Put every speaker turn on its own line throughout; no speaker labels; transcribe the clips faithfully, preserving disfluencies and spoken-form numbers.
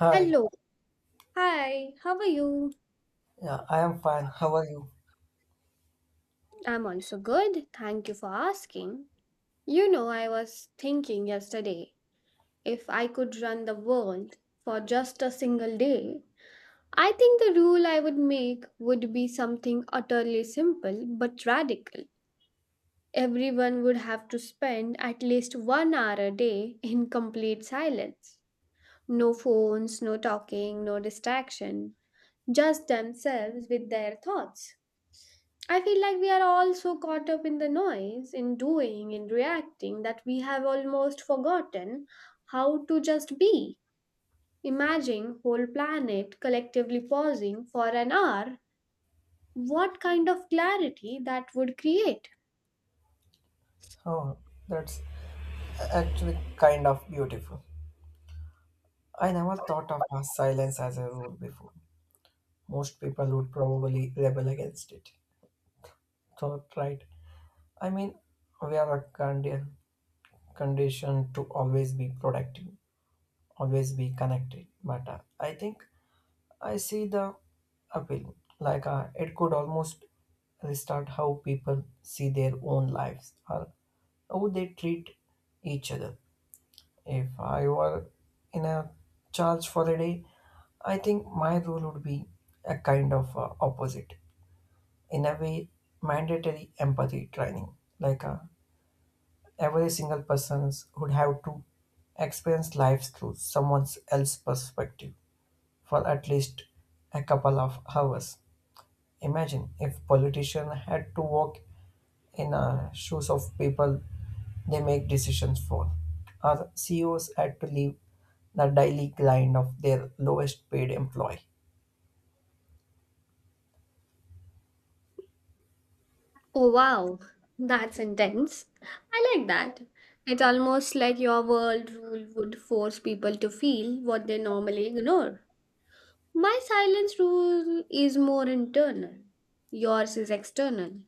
Hi,
Hello. Hi, how are you?
yeah, I am fine. How are you?
I'm also good. Thank you for asking. You know, I was thinking yesterday if I could run the world for just a single day, I think the rule I would make would be something utterly simple but radical. Everyone would have to spend at least one hour a day in complete silence. No phones, no talking, no distraction, just themselves with their thoughts. I feel like we are all so caught up in the noise, in doing, in reacting, that we have almost forgotten how to just be. Imagine whole planet collectively pausing for an hour. What kind of clarity that would create?
Oh, that's actually kind of beautiful. I never thought of a silence as a rule before. Most people would probably rebel against it. Thought right. I mean, we are a condi- conditioned to always be productive, always be connected. But uh, I think I see the appeal. Like uh, it could almost restart how people see their own lives or how they treat each other. If I were in a charge for a day, I think my role would be a kind of uh, opposite. In a way, mandatory empathy training. Like uh, every single person would have to experience life through someone else's perspective for at least a couple of hours. Imagine if politicians had to walk in the shoes of people they make decisions for. Our C E Os had to leave the daily grind of their lowest paid employee.
Oh wow, that's intense. I like that. It's almost like your world rule would force people to feel what they normally ignore. My silence rule is more internal. Yours is external.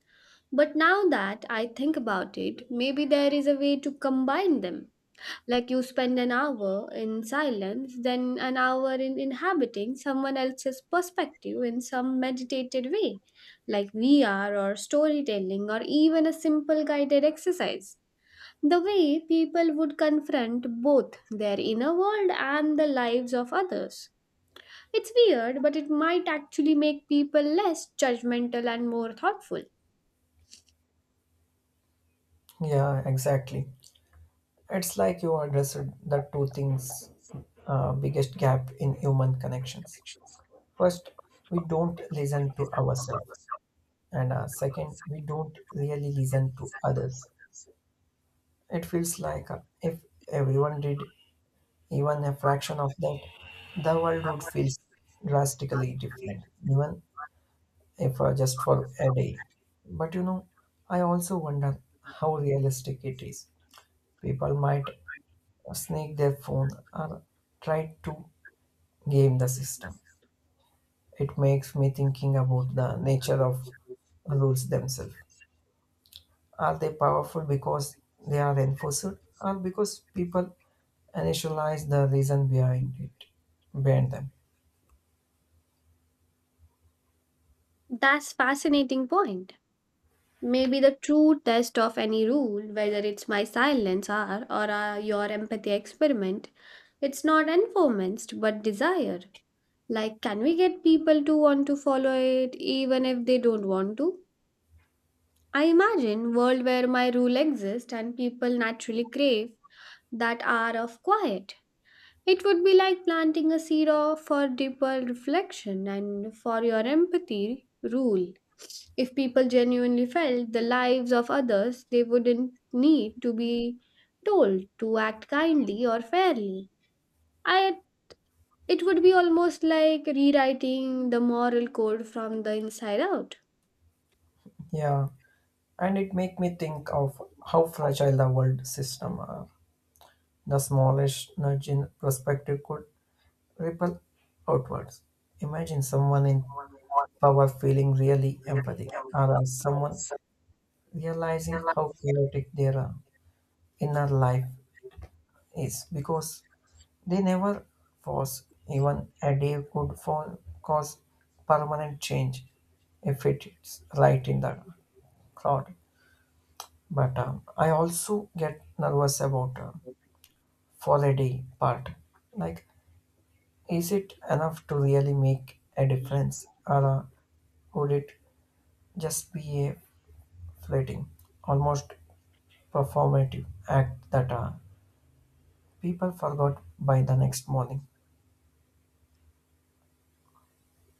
But now that I think about it, maybe there is a way to combine them. Like you spend an hour in silence, then an hour in inhabiting someone else's perspective in some meditated way, like V R or storytelling or even a simple guided exercise. The way people would confront both their inner world and the lives of others. It's weird, but it might actually make people less judgmental and more thoughtful.
Yeah, exactly. It's like you addressed the two things uh, biggest gap in human connections. First, we don't listen to ourselves, and uh, second, we don't really listen to others. It feels like uh, if everyone did even a fraction of that, the world would feel drastically different, even if uh, just for a day. But you know, I also wonder how realistic it is. People might sneak their phone or try to game the system. It makes me thinking about the nature of rules themselves. Are they powerful because they are enforced or because people initialize the reason behind it, behind them?
That's fascinating point. Maybe the true test of any rule, whether it's my silence or or uh, your empathy experiment, it's not informants but desire. Like, can we get people to want to follow it even if they don't want to? I imagine world where my rule exists and people naturally crave that hour of quiet. It would be like planting a seed of- for deeper reflection and for your empathy rule. If people genuinely felt the lives of others, they wouldn't need to be told to act kindly or fairly. I, it would be almost like rewriting the moral code from the inside out.
Yeah. And it make me think of how fragile the world system are. The smallest nudge in perspective could ripple outwards. Imagine someone in power feeling really empathy, or as someone realizing how chaotic their uh, inner life is because they never force even a day could fall, cause permanent change if it's right in the crowd. But um, I also get nervous about uh, for a day part. Like, is it enough to really make a difference, or uh, would it just be a fleeting, almost performative act that uh, people forgot by the next morning?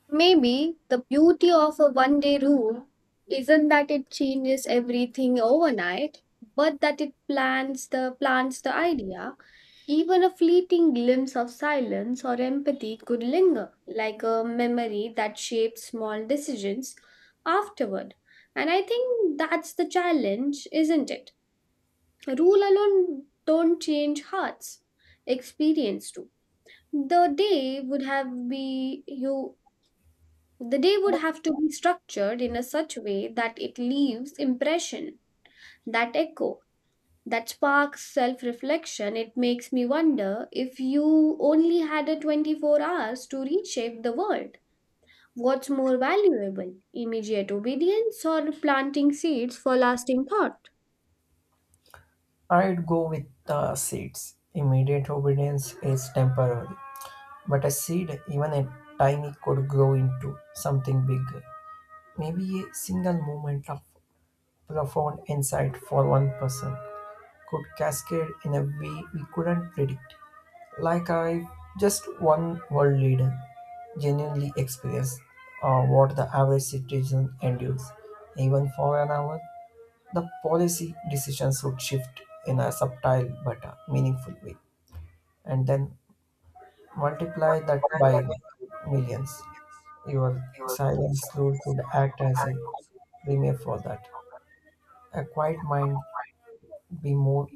Maybe the beauty of a one day rule isn't that it changes everything overnight, but that it plants the plants the idea. Even a fleeting glimpse of silence or empathy could linger, like a memory that shapes small decisions afterward. And I think that's the challenge, isn't it? Rule alone don't change hearts. Experience do. The day would have be you the day would have to be structured in a such way that it leaves impression, that echo, that sparks self-reflection. It makes me wonder if you only had a twenty-four hours to reshape the world. What's more valuable, immediate obedience or planting seeds for lasting thought?
I'd go with the seeds. Immediate obedience is temporary, but a seed, even a tiny, could grow into something bigger. Maybe a single moment of profound insight for one person could cascade in a way we couldn't predict. Like I just one world leader genuinely experienced uh, what the average citizen endures. Even for an hour, the policy decisions would shift in a subtle but uh, meaningful way. And then multiply that by millions. Your silence rule could act as a premier for that. A quiet mind be more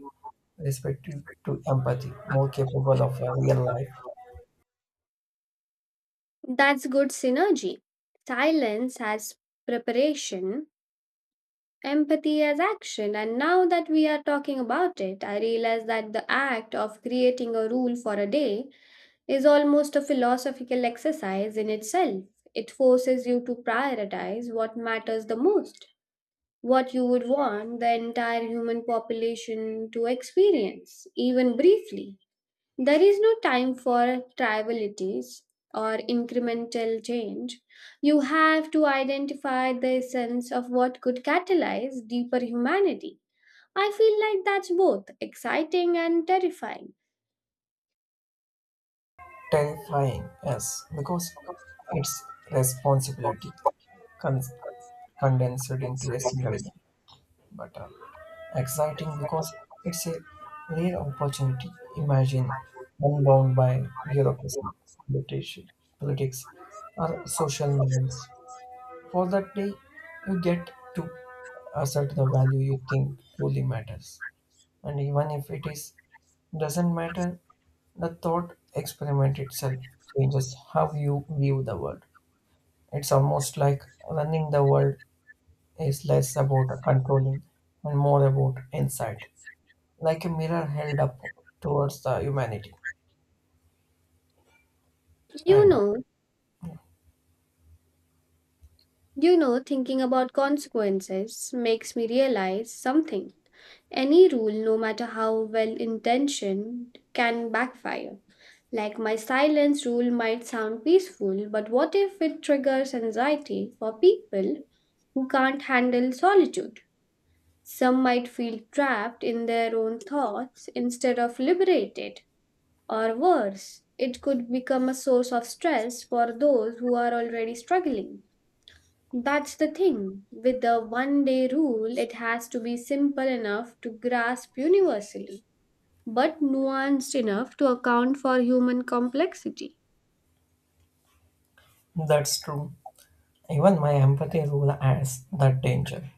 respective to empathy, more capable of a real life.
That's good synergy. Silence as preparation. Empathy as action, and now that we are talking about it, I realize that the act of creating a rule for a day is almost a philosophical exercise in itself. It forces you to prioritize what matters the most, what you would want the entire human population to experience, even briefly. There is no time for trivialities or incremental change. You have to identify the essence of what could catalyze deeper humanity. I feel like that's both exciting and terrifying.
Terrifying, yes, because it's responsibility con- condensed into a single day, but uh, exciting because it's a rare opportunity. Imagine unbound by bureaucracy, politici- politics, or social norms. For that day, you get to assert the value you think truly matters. And even if it is doesn't matter, the thought experiment itself changes how you view the world. It's almost like running the world is less about controlling and more about insight, like a mirror held up towards the humanity.
You
And
know, you know, thinking about consequences makes me realize something. Any rule, no matter how well intentioned, can backfire. Like my silence rule might sound peaceful, but what if it triggers anxiety for people who can't handle solitude? Some might feel trapped in their own thoughts instead of liberated, or worse, it could become a source of stress for those who are already struggling. That's the thing. With the one day rule, it has to be simple enough to grasp universally, but nuanced enough to account for human complexity.
that's true. Even my empathy rule adds that danger.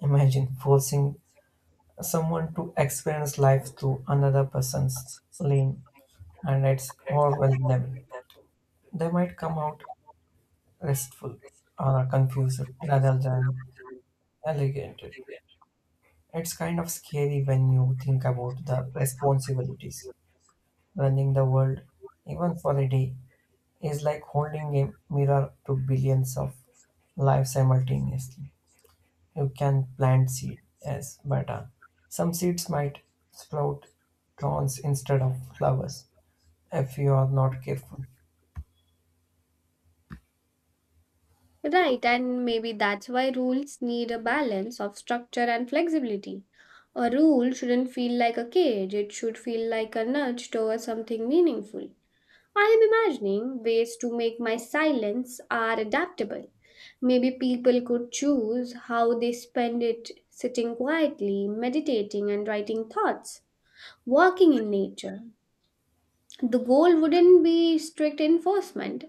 Imagine forcing someone to experience life through another person's lane and it's overwhelming. They might come out restful or confused rather than elegant. It's kind of scary when you think about the responsibilities. Running the world, even for a day, is like holding a mirror to billions of lives simultaneously. You can plant seeds, yes, but uh, some seeds might sprout thorns instead of flowers if you are not careful.
Right, and maybe that's why rules need a balance of structure and flexibility. A rule shouldn't feel like a cage, it should feel like a nudge towards something meaningful. I am imagining ways to make my silence are adaptable. Maybe people could choose how they spend it sitting quietly, meditating and writing thoughts, walking in nature. The goal wouldn't be strict enforcement,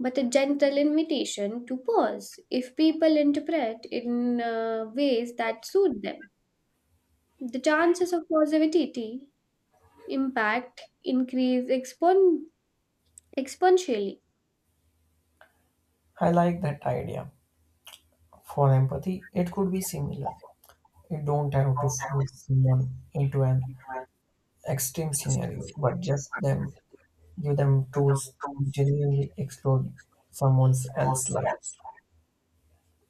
but a gentle invitation to pause if people interpret in uh, ways that suit them. The chances of positivity impact increase expon- exponentially.
I like that idea. For empathy, it could be similar. You don't have to force someone into an extreme scenario, but just them give them tools to genuinely explore someone else's life.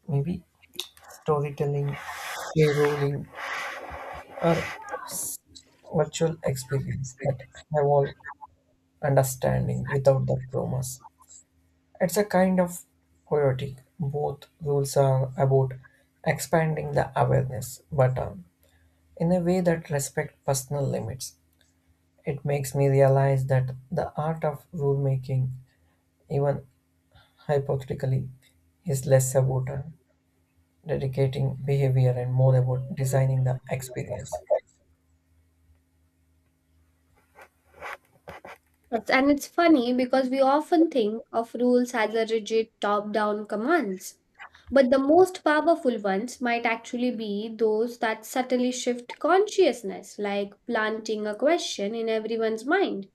Maybe storytelling, caroling, or virtual experience that have all understanding without the promise. It's a kind of poetic. Both rules are about expanding the awareness, but um, in a way that respect personal limits. It makes me realize that the art of rule making, even hypothetically, is less about uh, dedicating behavior and more about designing the experience.
Yes, and it's funny because we often think of rules as a rigid top down commands. But the most powerful ones might actually be those that subtly shift consciousness, like planting a question in everyone's mind.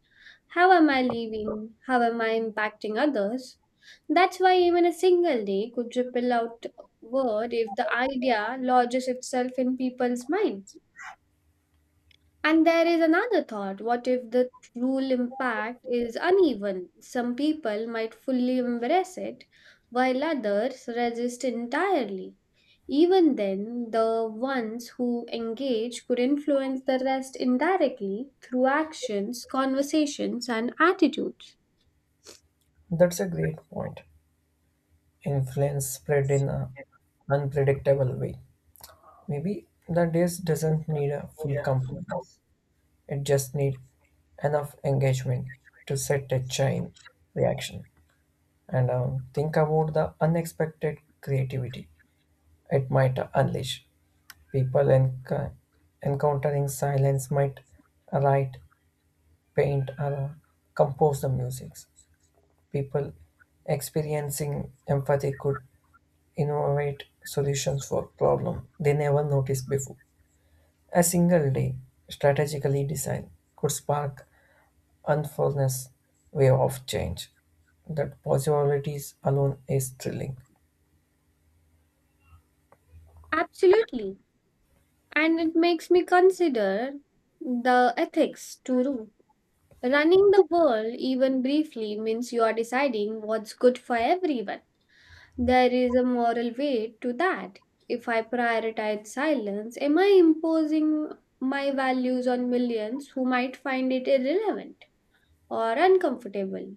How am I living? How am I impacting others? That's why even a single day could ripple out word if the idea lodges itself in people's minds. And there is another thought. What if the true impact is uneven? Some people might fully embrace it, while others resist entirely. Even then, the ones who engage could influence the rest indirectly through actions, conversations, and attitudes.
That's a great point. Influence spread in an unpredictable way. Maybe the days doesn't need a full compliance. It just need enough engagement to set a chain reaction. And um, think about the unexpected creativity it might unleash. People enc- encountering silence might write, paint, or uh, compose the music. People experiencing empathy could innovate solutions for problems they never noticed before. A single day strategically designed could spark unfurlness wave of change. That possibilities alone is thrilling.
Absolutely. And it makes me consider the ethics too. Running the world, even briefly, means you are deciding what's good for everyone. There is a moral weight to that. If I prioritize silence, am I imposing my values on millions who might find it irrelevant or uncomfortable?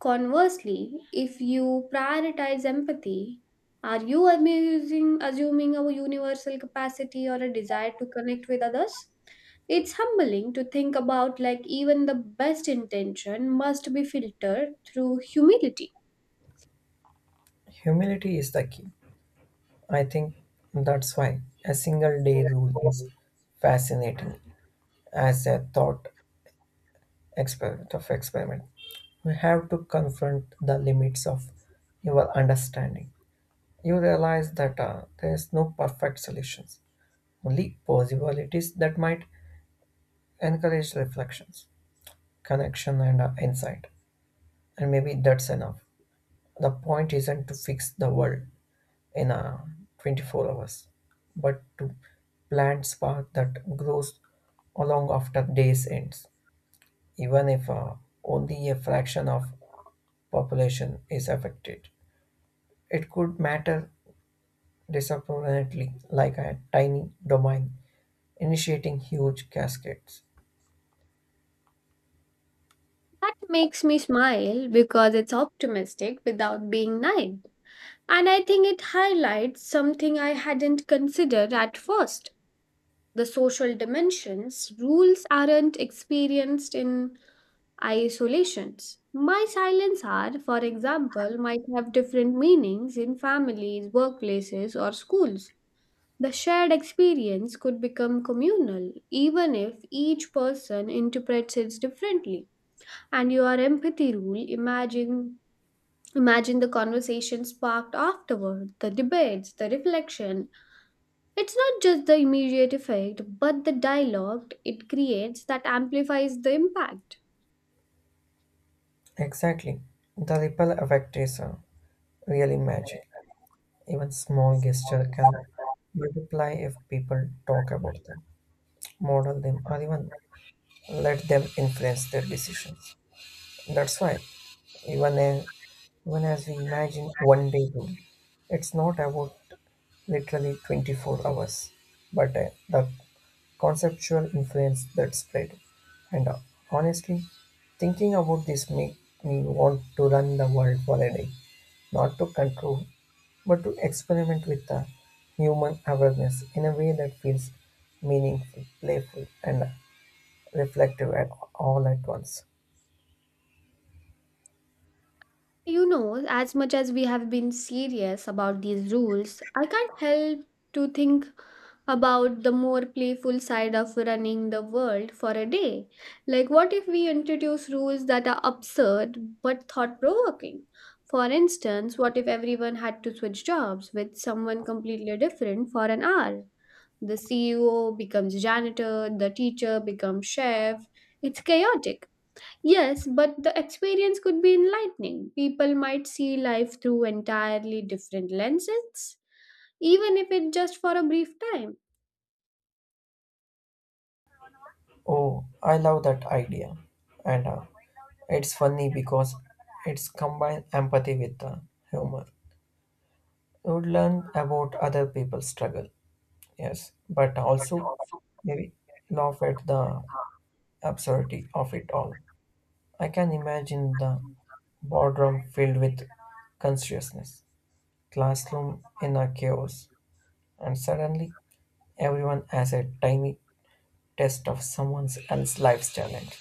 Conversely, if you prioritize empathy, are you amusing, assuming a universal capacity or a desire to connect with others? It's humbling to think about like even the best intention must be filtered through humility.
Humility is the key. I think that's why a single day rule is fascinating as a thought experiment of experiment. We have to confront the limits of your understanding. You realize that uh, there is no perfect solutions, only possibilities that might encourage reflections, connection, and uh, insight. And maybe that's enough. The point isn't to fix the world in uh, twenty-four hours, but to plant spark that grows along after days ends, even if uh, only a fraction of population is affected. It could matter disproportionately, like a tiny domain initiating huge cascades.
That makes me smile because it's optimistic without being naive. And I think it highlights something I hadn't considered at first. The social dimensions, rules aren't experienced in isolations. My silence are, for example, might have different meanings in families, workplaces, or schools. The shared experience could become communal, even if each person interprets it differently. And your empathy rule, imagine imagine the conversation sparked afterward, the debates, the reflection. It's not just the immediate effect, but the dialogue it creates that amplifies the impact.
Exactly. The ripple effect is uh, really magic. Even small gesture can multiply if people talk about them, model them, or even let them influence their decisions. That's why even a, even as we imagine one day rule, it's not about literally twenty-four hours, but uh, the conceptual influence that spread, and uh, honestly, thinking about this makes me want to run the world for a day, not to control, but to experiment with the human awareness in a way that feels meaningful, playful, and reflective at all at once.
You know, as much as we have been serious about these rules, I can't help to think about the more playful side of running the world for a day. Like, what if we introduce rules that are absurd but thought provoking? For instance, what if everyone had to switch jobs with someone completely different for an hour? The C E O becomes janitor, the teacher becomes chef. It's chaotic. Yes, but the experience could be enlightening. People might see life through entirely different lenses, even if it's just for a brief time.
Oh, I love that idea, and uh, it's funny because it's combined empathy with uh, humor. You would learn about other people's struggle. Yes, but also maybe laugh at the absurdity of it all. I can imagine the boardroom filled with consciousness, classroom in a chaos, and suddenly everyone has a tiny test of someone else's life's challenge.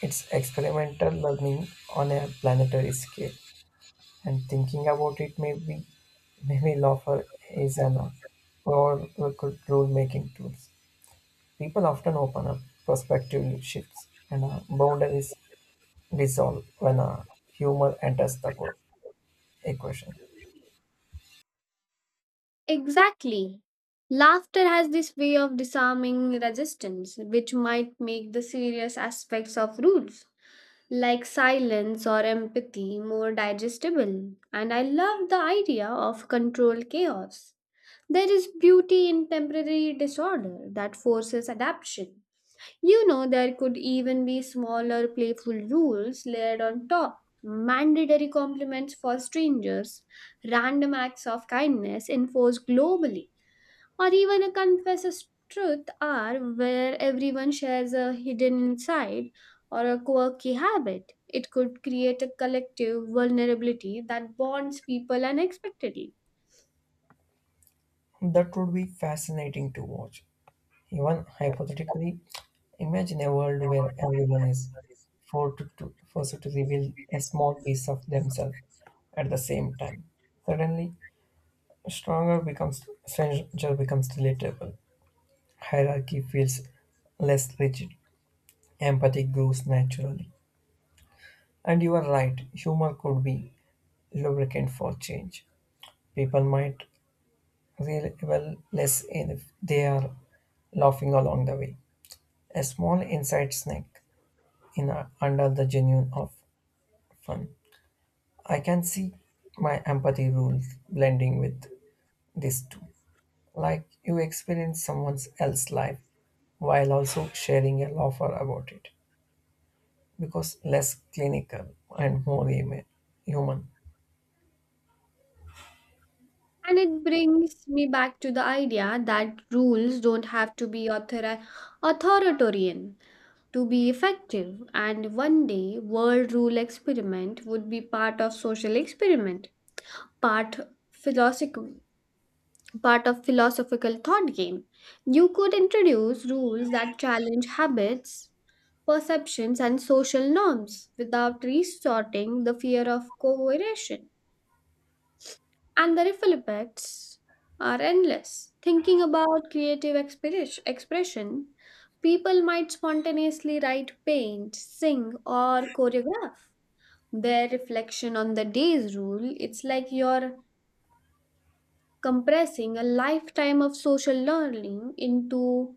It's experimental learning on a planetary scale, and thinking about it maybe maybe laughter is an or could rule making tools. People often open up, perspective shifts, and uh, boundaries dissolve when uh, humor enters the co- equation.
Exactly. Laughter has this way of disarming resistance, which might make the serious aspects of rules, like silence or empathy, more digestible. And I love the idea of controlled chaos. There is beauty in temporary disorder that forces adaptation. You know, there could even be smaller, playful rules layered on top, mandatory compliments for strangers, random acts of kindness enforced globally or even a confesses truth are where everyone shares a hidden insight or a quirky habit. It could create a collective vulnerability that bonds people unexpectedly.
That would be fascinating to watch. Even hypothetically, imagine a world where everyone is forced to, forced to reveal a small piece of themselves at the same time. Suddenly, stronger becomes stranger becomes relatable. Hierarchy feels less rigid. Empathy grows naturally. And you are right, humor could be lubricant for change. People might revel less in if they are laughing along the way. A small inside snack in a, under the genuine of fun. I can see my empathy rules blending with this too. Like you experience someone else's life while also sharing a laugher about it because less clinical and more human. Human.
And it brings me back to the idea that rules don't have to be author- authoritarian to be effective. And one day, world rule experiment would be part of social experiment, part philosophical but a philosophical thought game. You could introduce rules that challenge habits, perceptions, and social norms without resorting the fear of coercion. And the ripple effects are endless. Thinking about creative expres- expression, people might spontaneously write, paint, sing, or choreograph. Their reflection on the day's rule, it's like you're compressing a lifetime of social learning into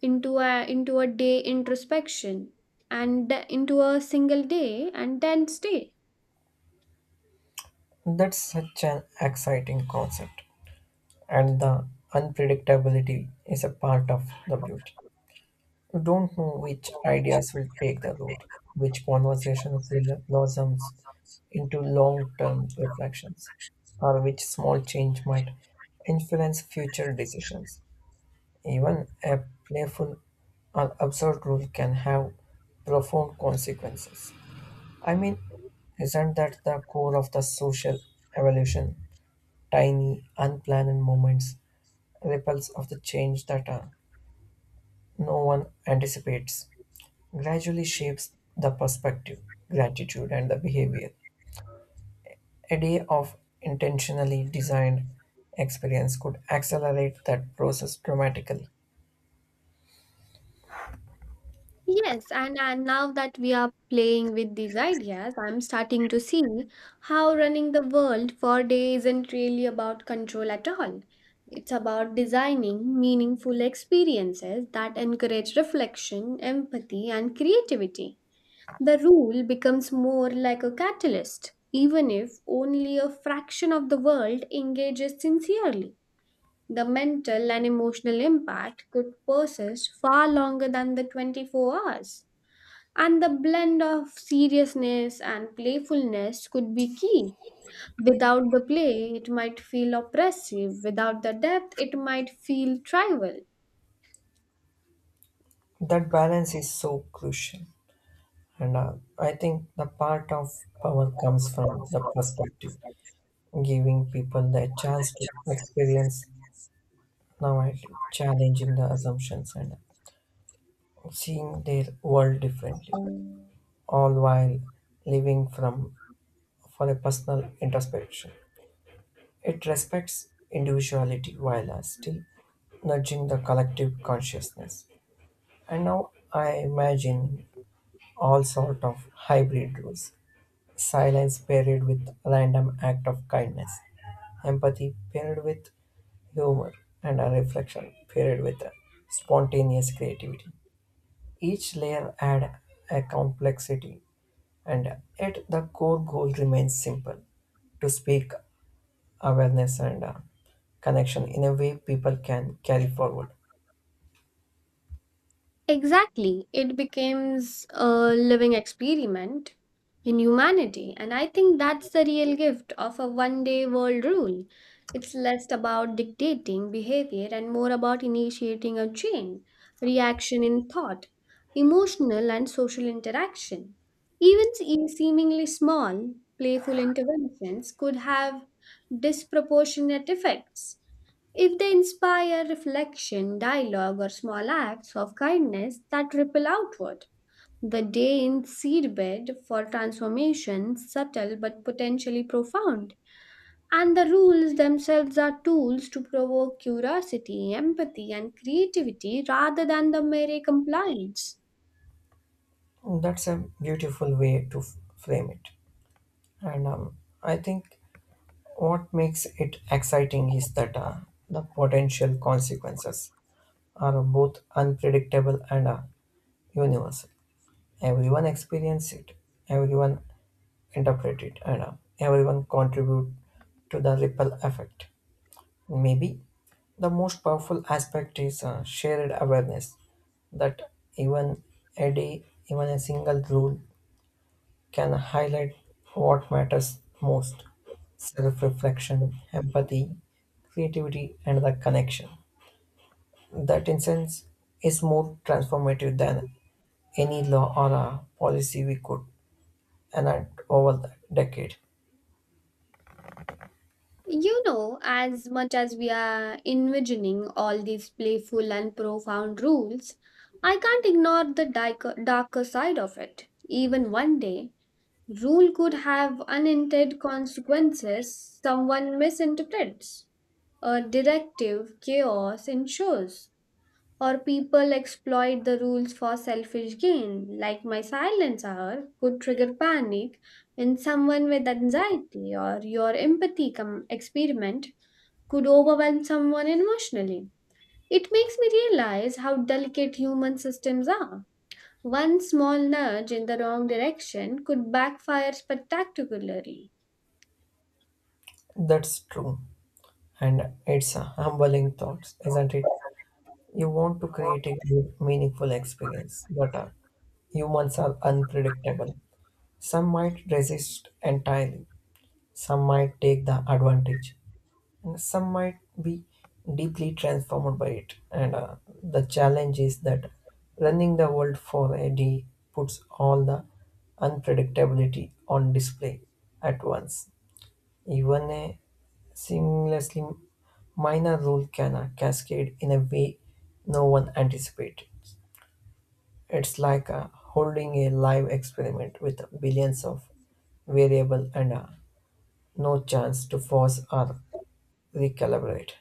into a into a day introspection and th- into a single day and then stay.
That's such an exciting concept. And the unpredictability is a part of the beauty. You don't know which ideas will take the road, which conversations will blossom into long term reflections, or which small change might influence future decisions. Even a playful or absurd rule can have profound consequences. I mean, isn't that the core of the social evolution? Tiny, unplanned moments ripples of the change that uh, no one anticipates gradually shapes the perspective, gratitude, and the behavior. A day of intentionally designed experience could accelerate that process dramatically.
Yes and, and now that we are playing with these ideas, I'm starting to see how running the world for day isn't really about control at all. It's about designing meaningful experiences that encourage reflection empathy and creativity. The rule becomes more like a catalyst. Even if only a fraction of the world engages sincerely, the mental and emotional impact could persist far longer than the twenty-four hours. And the blend of seriousness and playfulness could be key. Without the play, it might feel oppressive. Without the depth, it might feel trivial.
That balance is so crucial, and uh, I think the part of power comes from the perspective, giving people the chance to experience now, challenging the assumptions and seeing their world differently, all while living from for a personal introspection. It respects individuality while uh, still nudging the collective consciousness. And now I imagine all sort of hybrid rules. Silence paired with random act of kindness. Empathy paired with humor and a reflection paired with a spontaneous creativity. Each layer add a complexity. And yet, the core goal remains simple to speak awareness and uh, connection in a way people can carry forward.
Exactly. It becomes a living experiment in humanity. And I think that's the real gift of a one day world rule. It's less about dictating behavior and more about initiating a chain, reaction in thought, emotional and social interaction. Even se- seemingly small, playful interventions could have disproportionate effects. If they inspire reflection, dialogue, or small acts of kindness that ripple outward, the day in seedbed for transformation, subtle but potentially profound. And the rules themselves are tools to provoke curiosity, empathy, and creativity rather than the mere compliance.
That's a beautiful way to f- frame it. And um, I think what makes it exciting is that uh, the potential consequences are both unpredictable and uh, universal. Everyone experiences it, everyone interprets it, and uh, everyone contributes to the ripple effect. Maybe the most powerful aspect is uh, shared awareness that even a day, even a single rule can highlight what matters most self reflection, empathy, creativity, and the connection. That, in sense, is more transformative than any law or a policy we could enact over the decade.
You know, as much as we are envisioning all these playful and profound rules, I can't ignore the darker, darker side of it. Even one day, rule could have unintended consequences someone misinterprets, a directive chaos ensures, or people exploit the rules for selfish gain, like my silence hour could trigger panic in someone with anxiety or your empathy com- experiment could overwhelm someone emotionally. It makes me realize how delicate human systems are. One small nudge in the wrong direction could backfire spectacularly.
That's true, and it's a humbling thought, isn't it? You want to create a good, meaningful experience, but uh, humans are unpredictable. Some might resist entirely, some might take the advantage, and some might be deeply transformed by it. And uh, the challenge is that running the world for a day puts all the unpredictability on display at once. Even a seamlessly minor rule can uh, cascade in a way no one anticipated. It's like uh, holding a live experiment with billions of variable and uh, no chance to pause or recalibrate.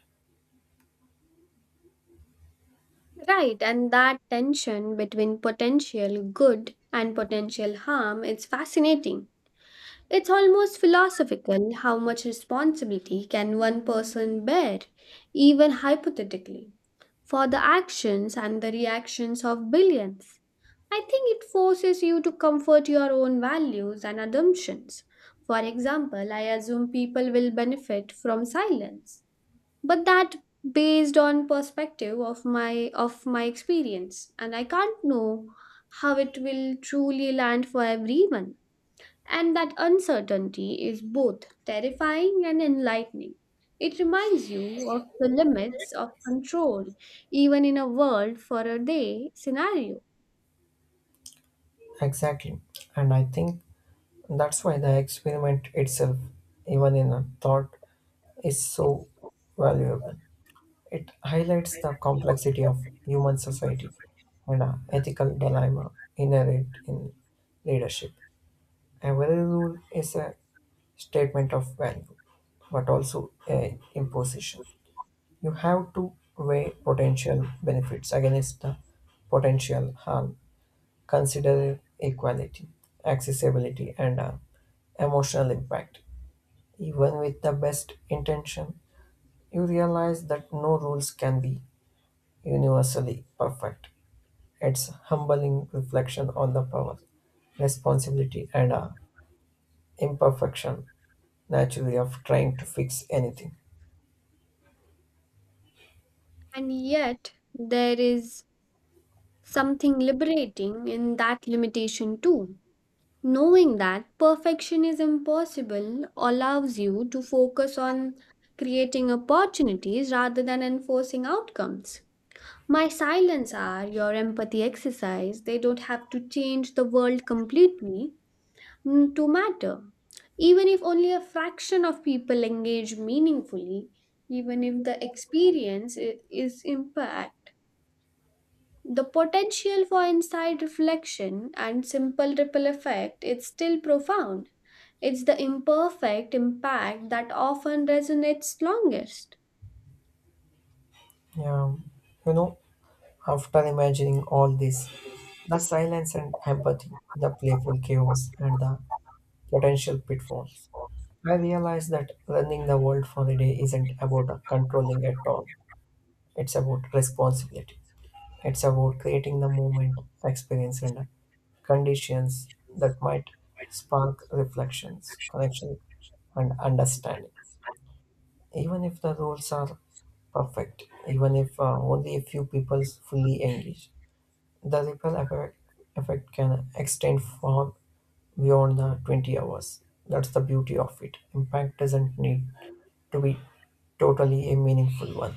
Right, and that tension between potential good and potential harm is fascinating. It's almost philosophical how much responsibility can one person bear, even hypothetically, for the actions and the reactions of billions. I think it forces you to comfort your own values and assumptions. For example, I assume people will benefit from silence, but that based on perspective of my of my experience and I can't know how it will truly land for everyone. And that uncertainty is both terrifying and enlightening. It reminds you of the limits of control even in a world for a day scenario.
Exactly. And I think that's why the experiment itself, even in a thought, is so valuable. It highlights the complexity of human society and uh, ethical dilemma inherent in leadership. Every rule is a statement of value, but also a imposition. You have to weigh potential benefits against the potential harm. Consider equality, accessibility, and uh, emotional impact. Even with the best intention, you realize that no rules can be universally perfect. It's humbling reflection on the power, responsibility, and uh, imperfection naturally of trying to fix anything.
And yet, there is something liberating in that limitation too. Knowing that perfection is impossible allows you to focus on creating opportunities rather than enforcing outcomes. My silence are your empathy exercise. They don't have to change the world completely mm, to matter. Even if only a fraction of people engage meaningfully, even if the experience i- is impact. The potential for inside reflection and simple ripple effect is still profound. It's the imperfect impact that often resonates longest.
Yeah, you know, after imagining all this, the silence and empathy, the playful chaos, and the potential pitfalls. I realized that running the world for a day isn't about controlling at all. It's about responsibility. It's about creating the moment, experience, and conditions that might spark reflections, connection, and understanding. Even if the rules are perfect, even if uh, only a few people fully engage, the ripple effect, effect can extend far beyond the twenty hours. That's the beauty of it. Impact doesn't need to be totally a meaningful one.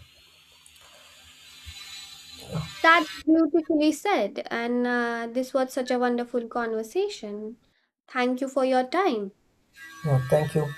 That's beautifully said, and uh, this was such a wonderful conversation. Thank you for your time.
Yeah, thank you.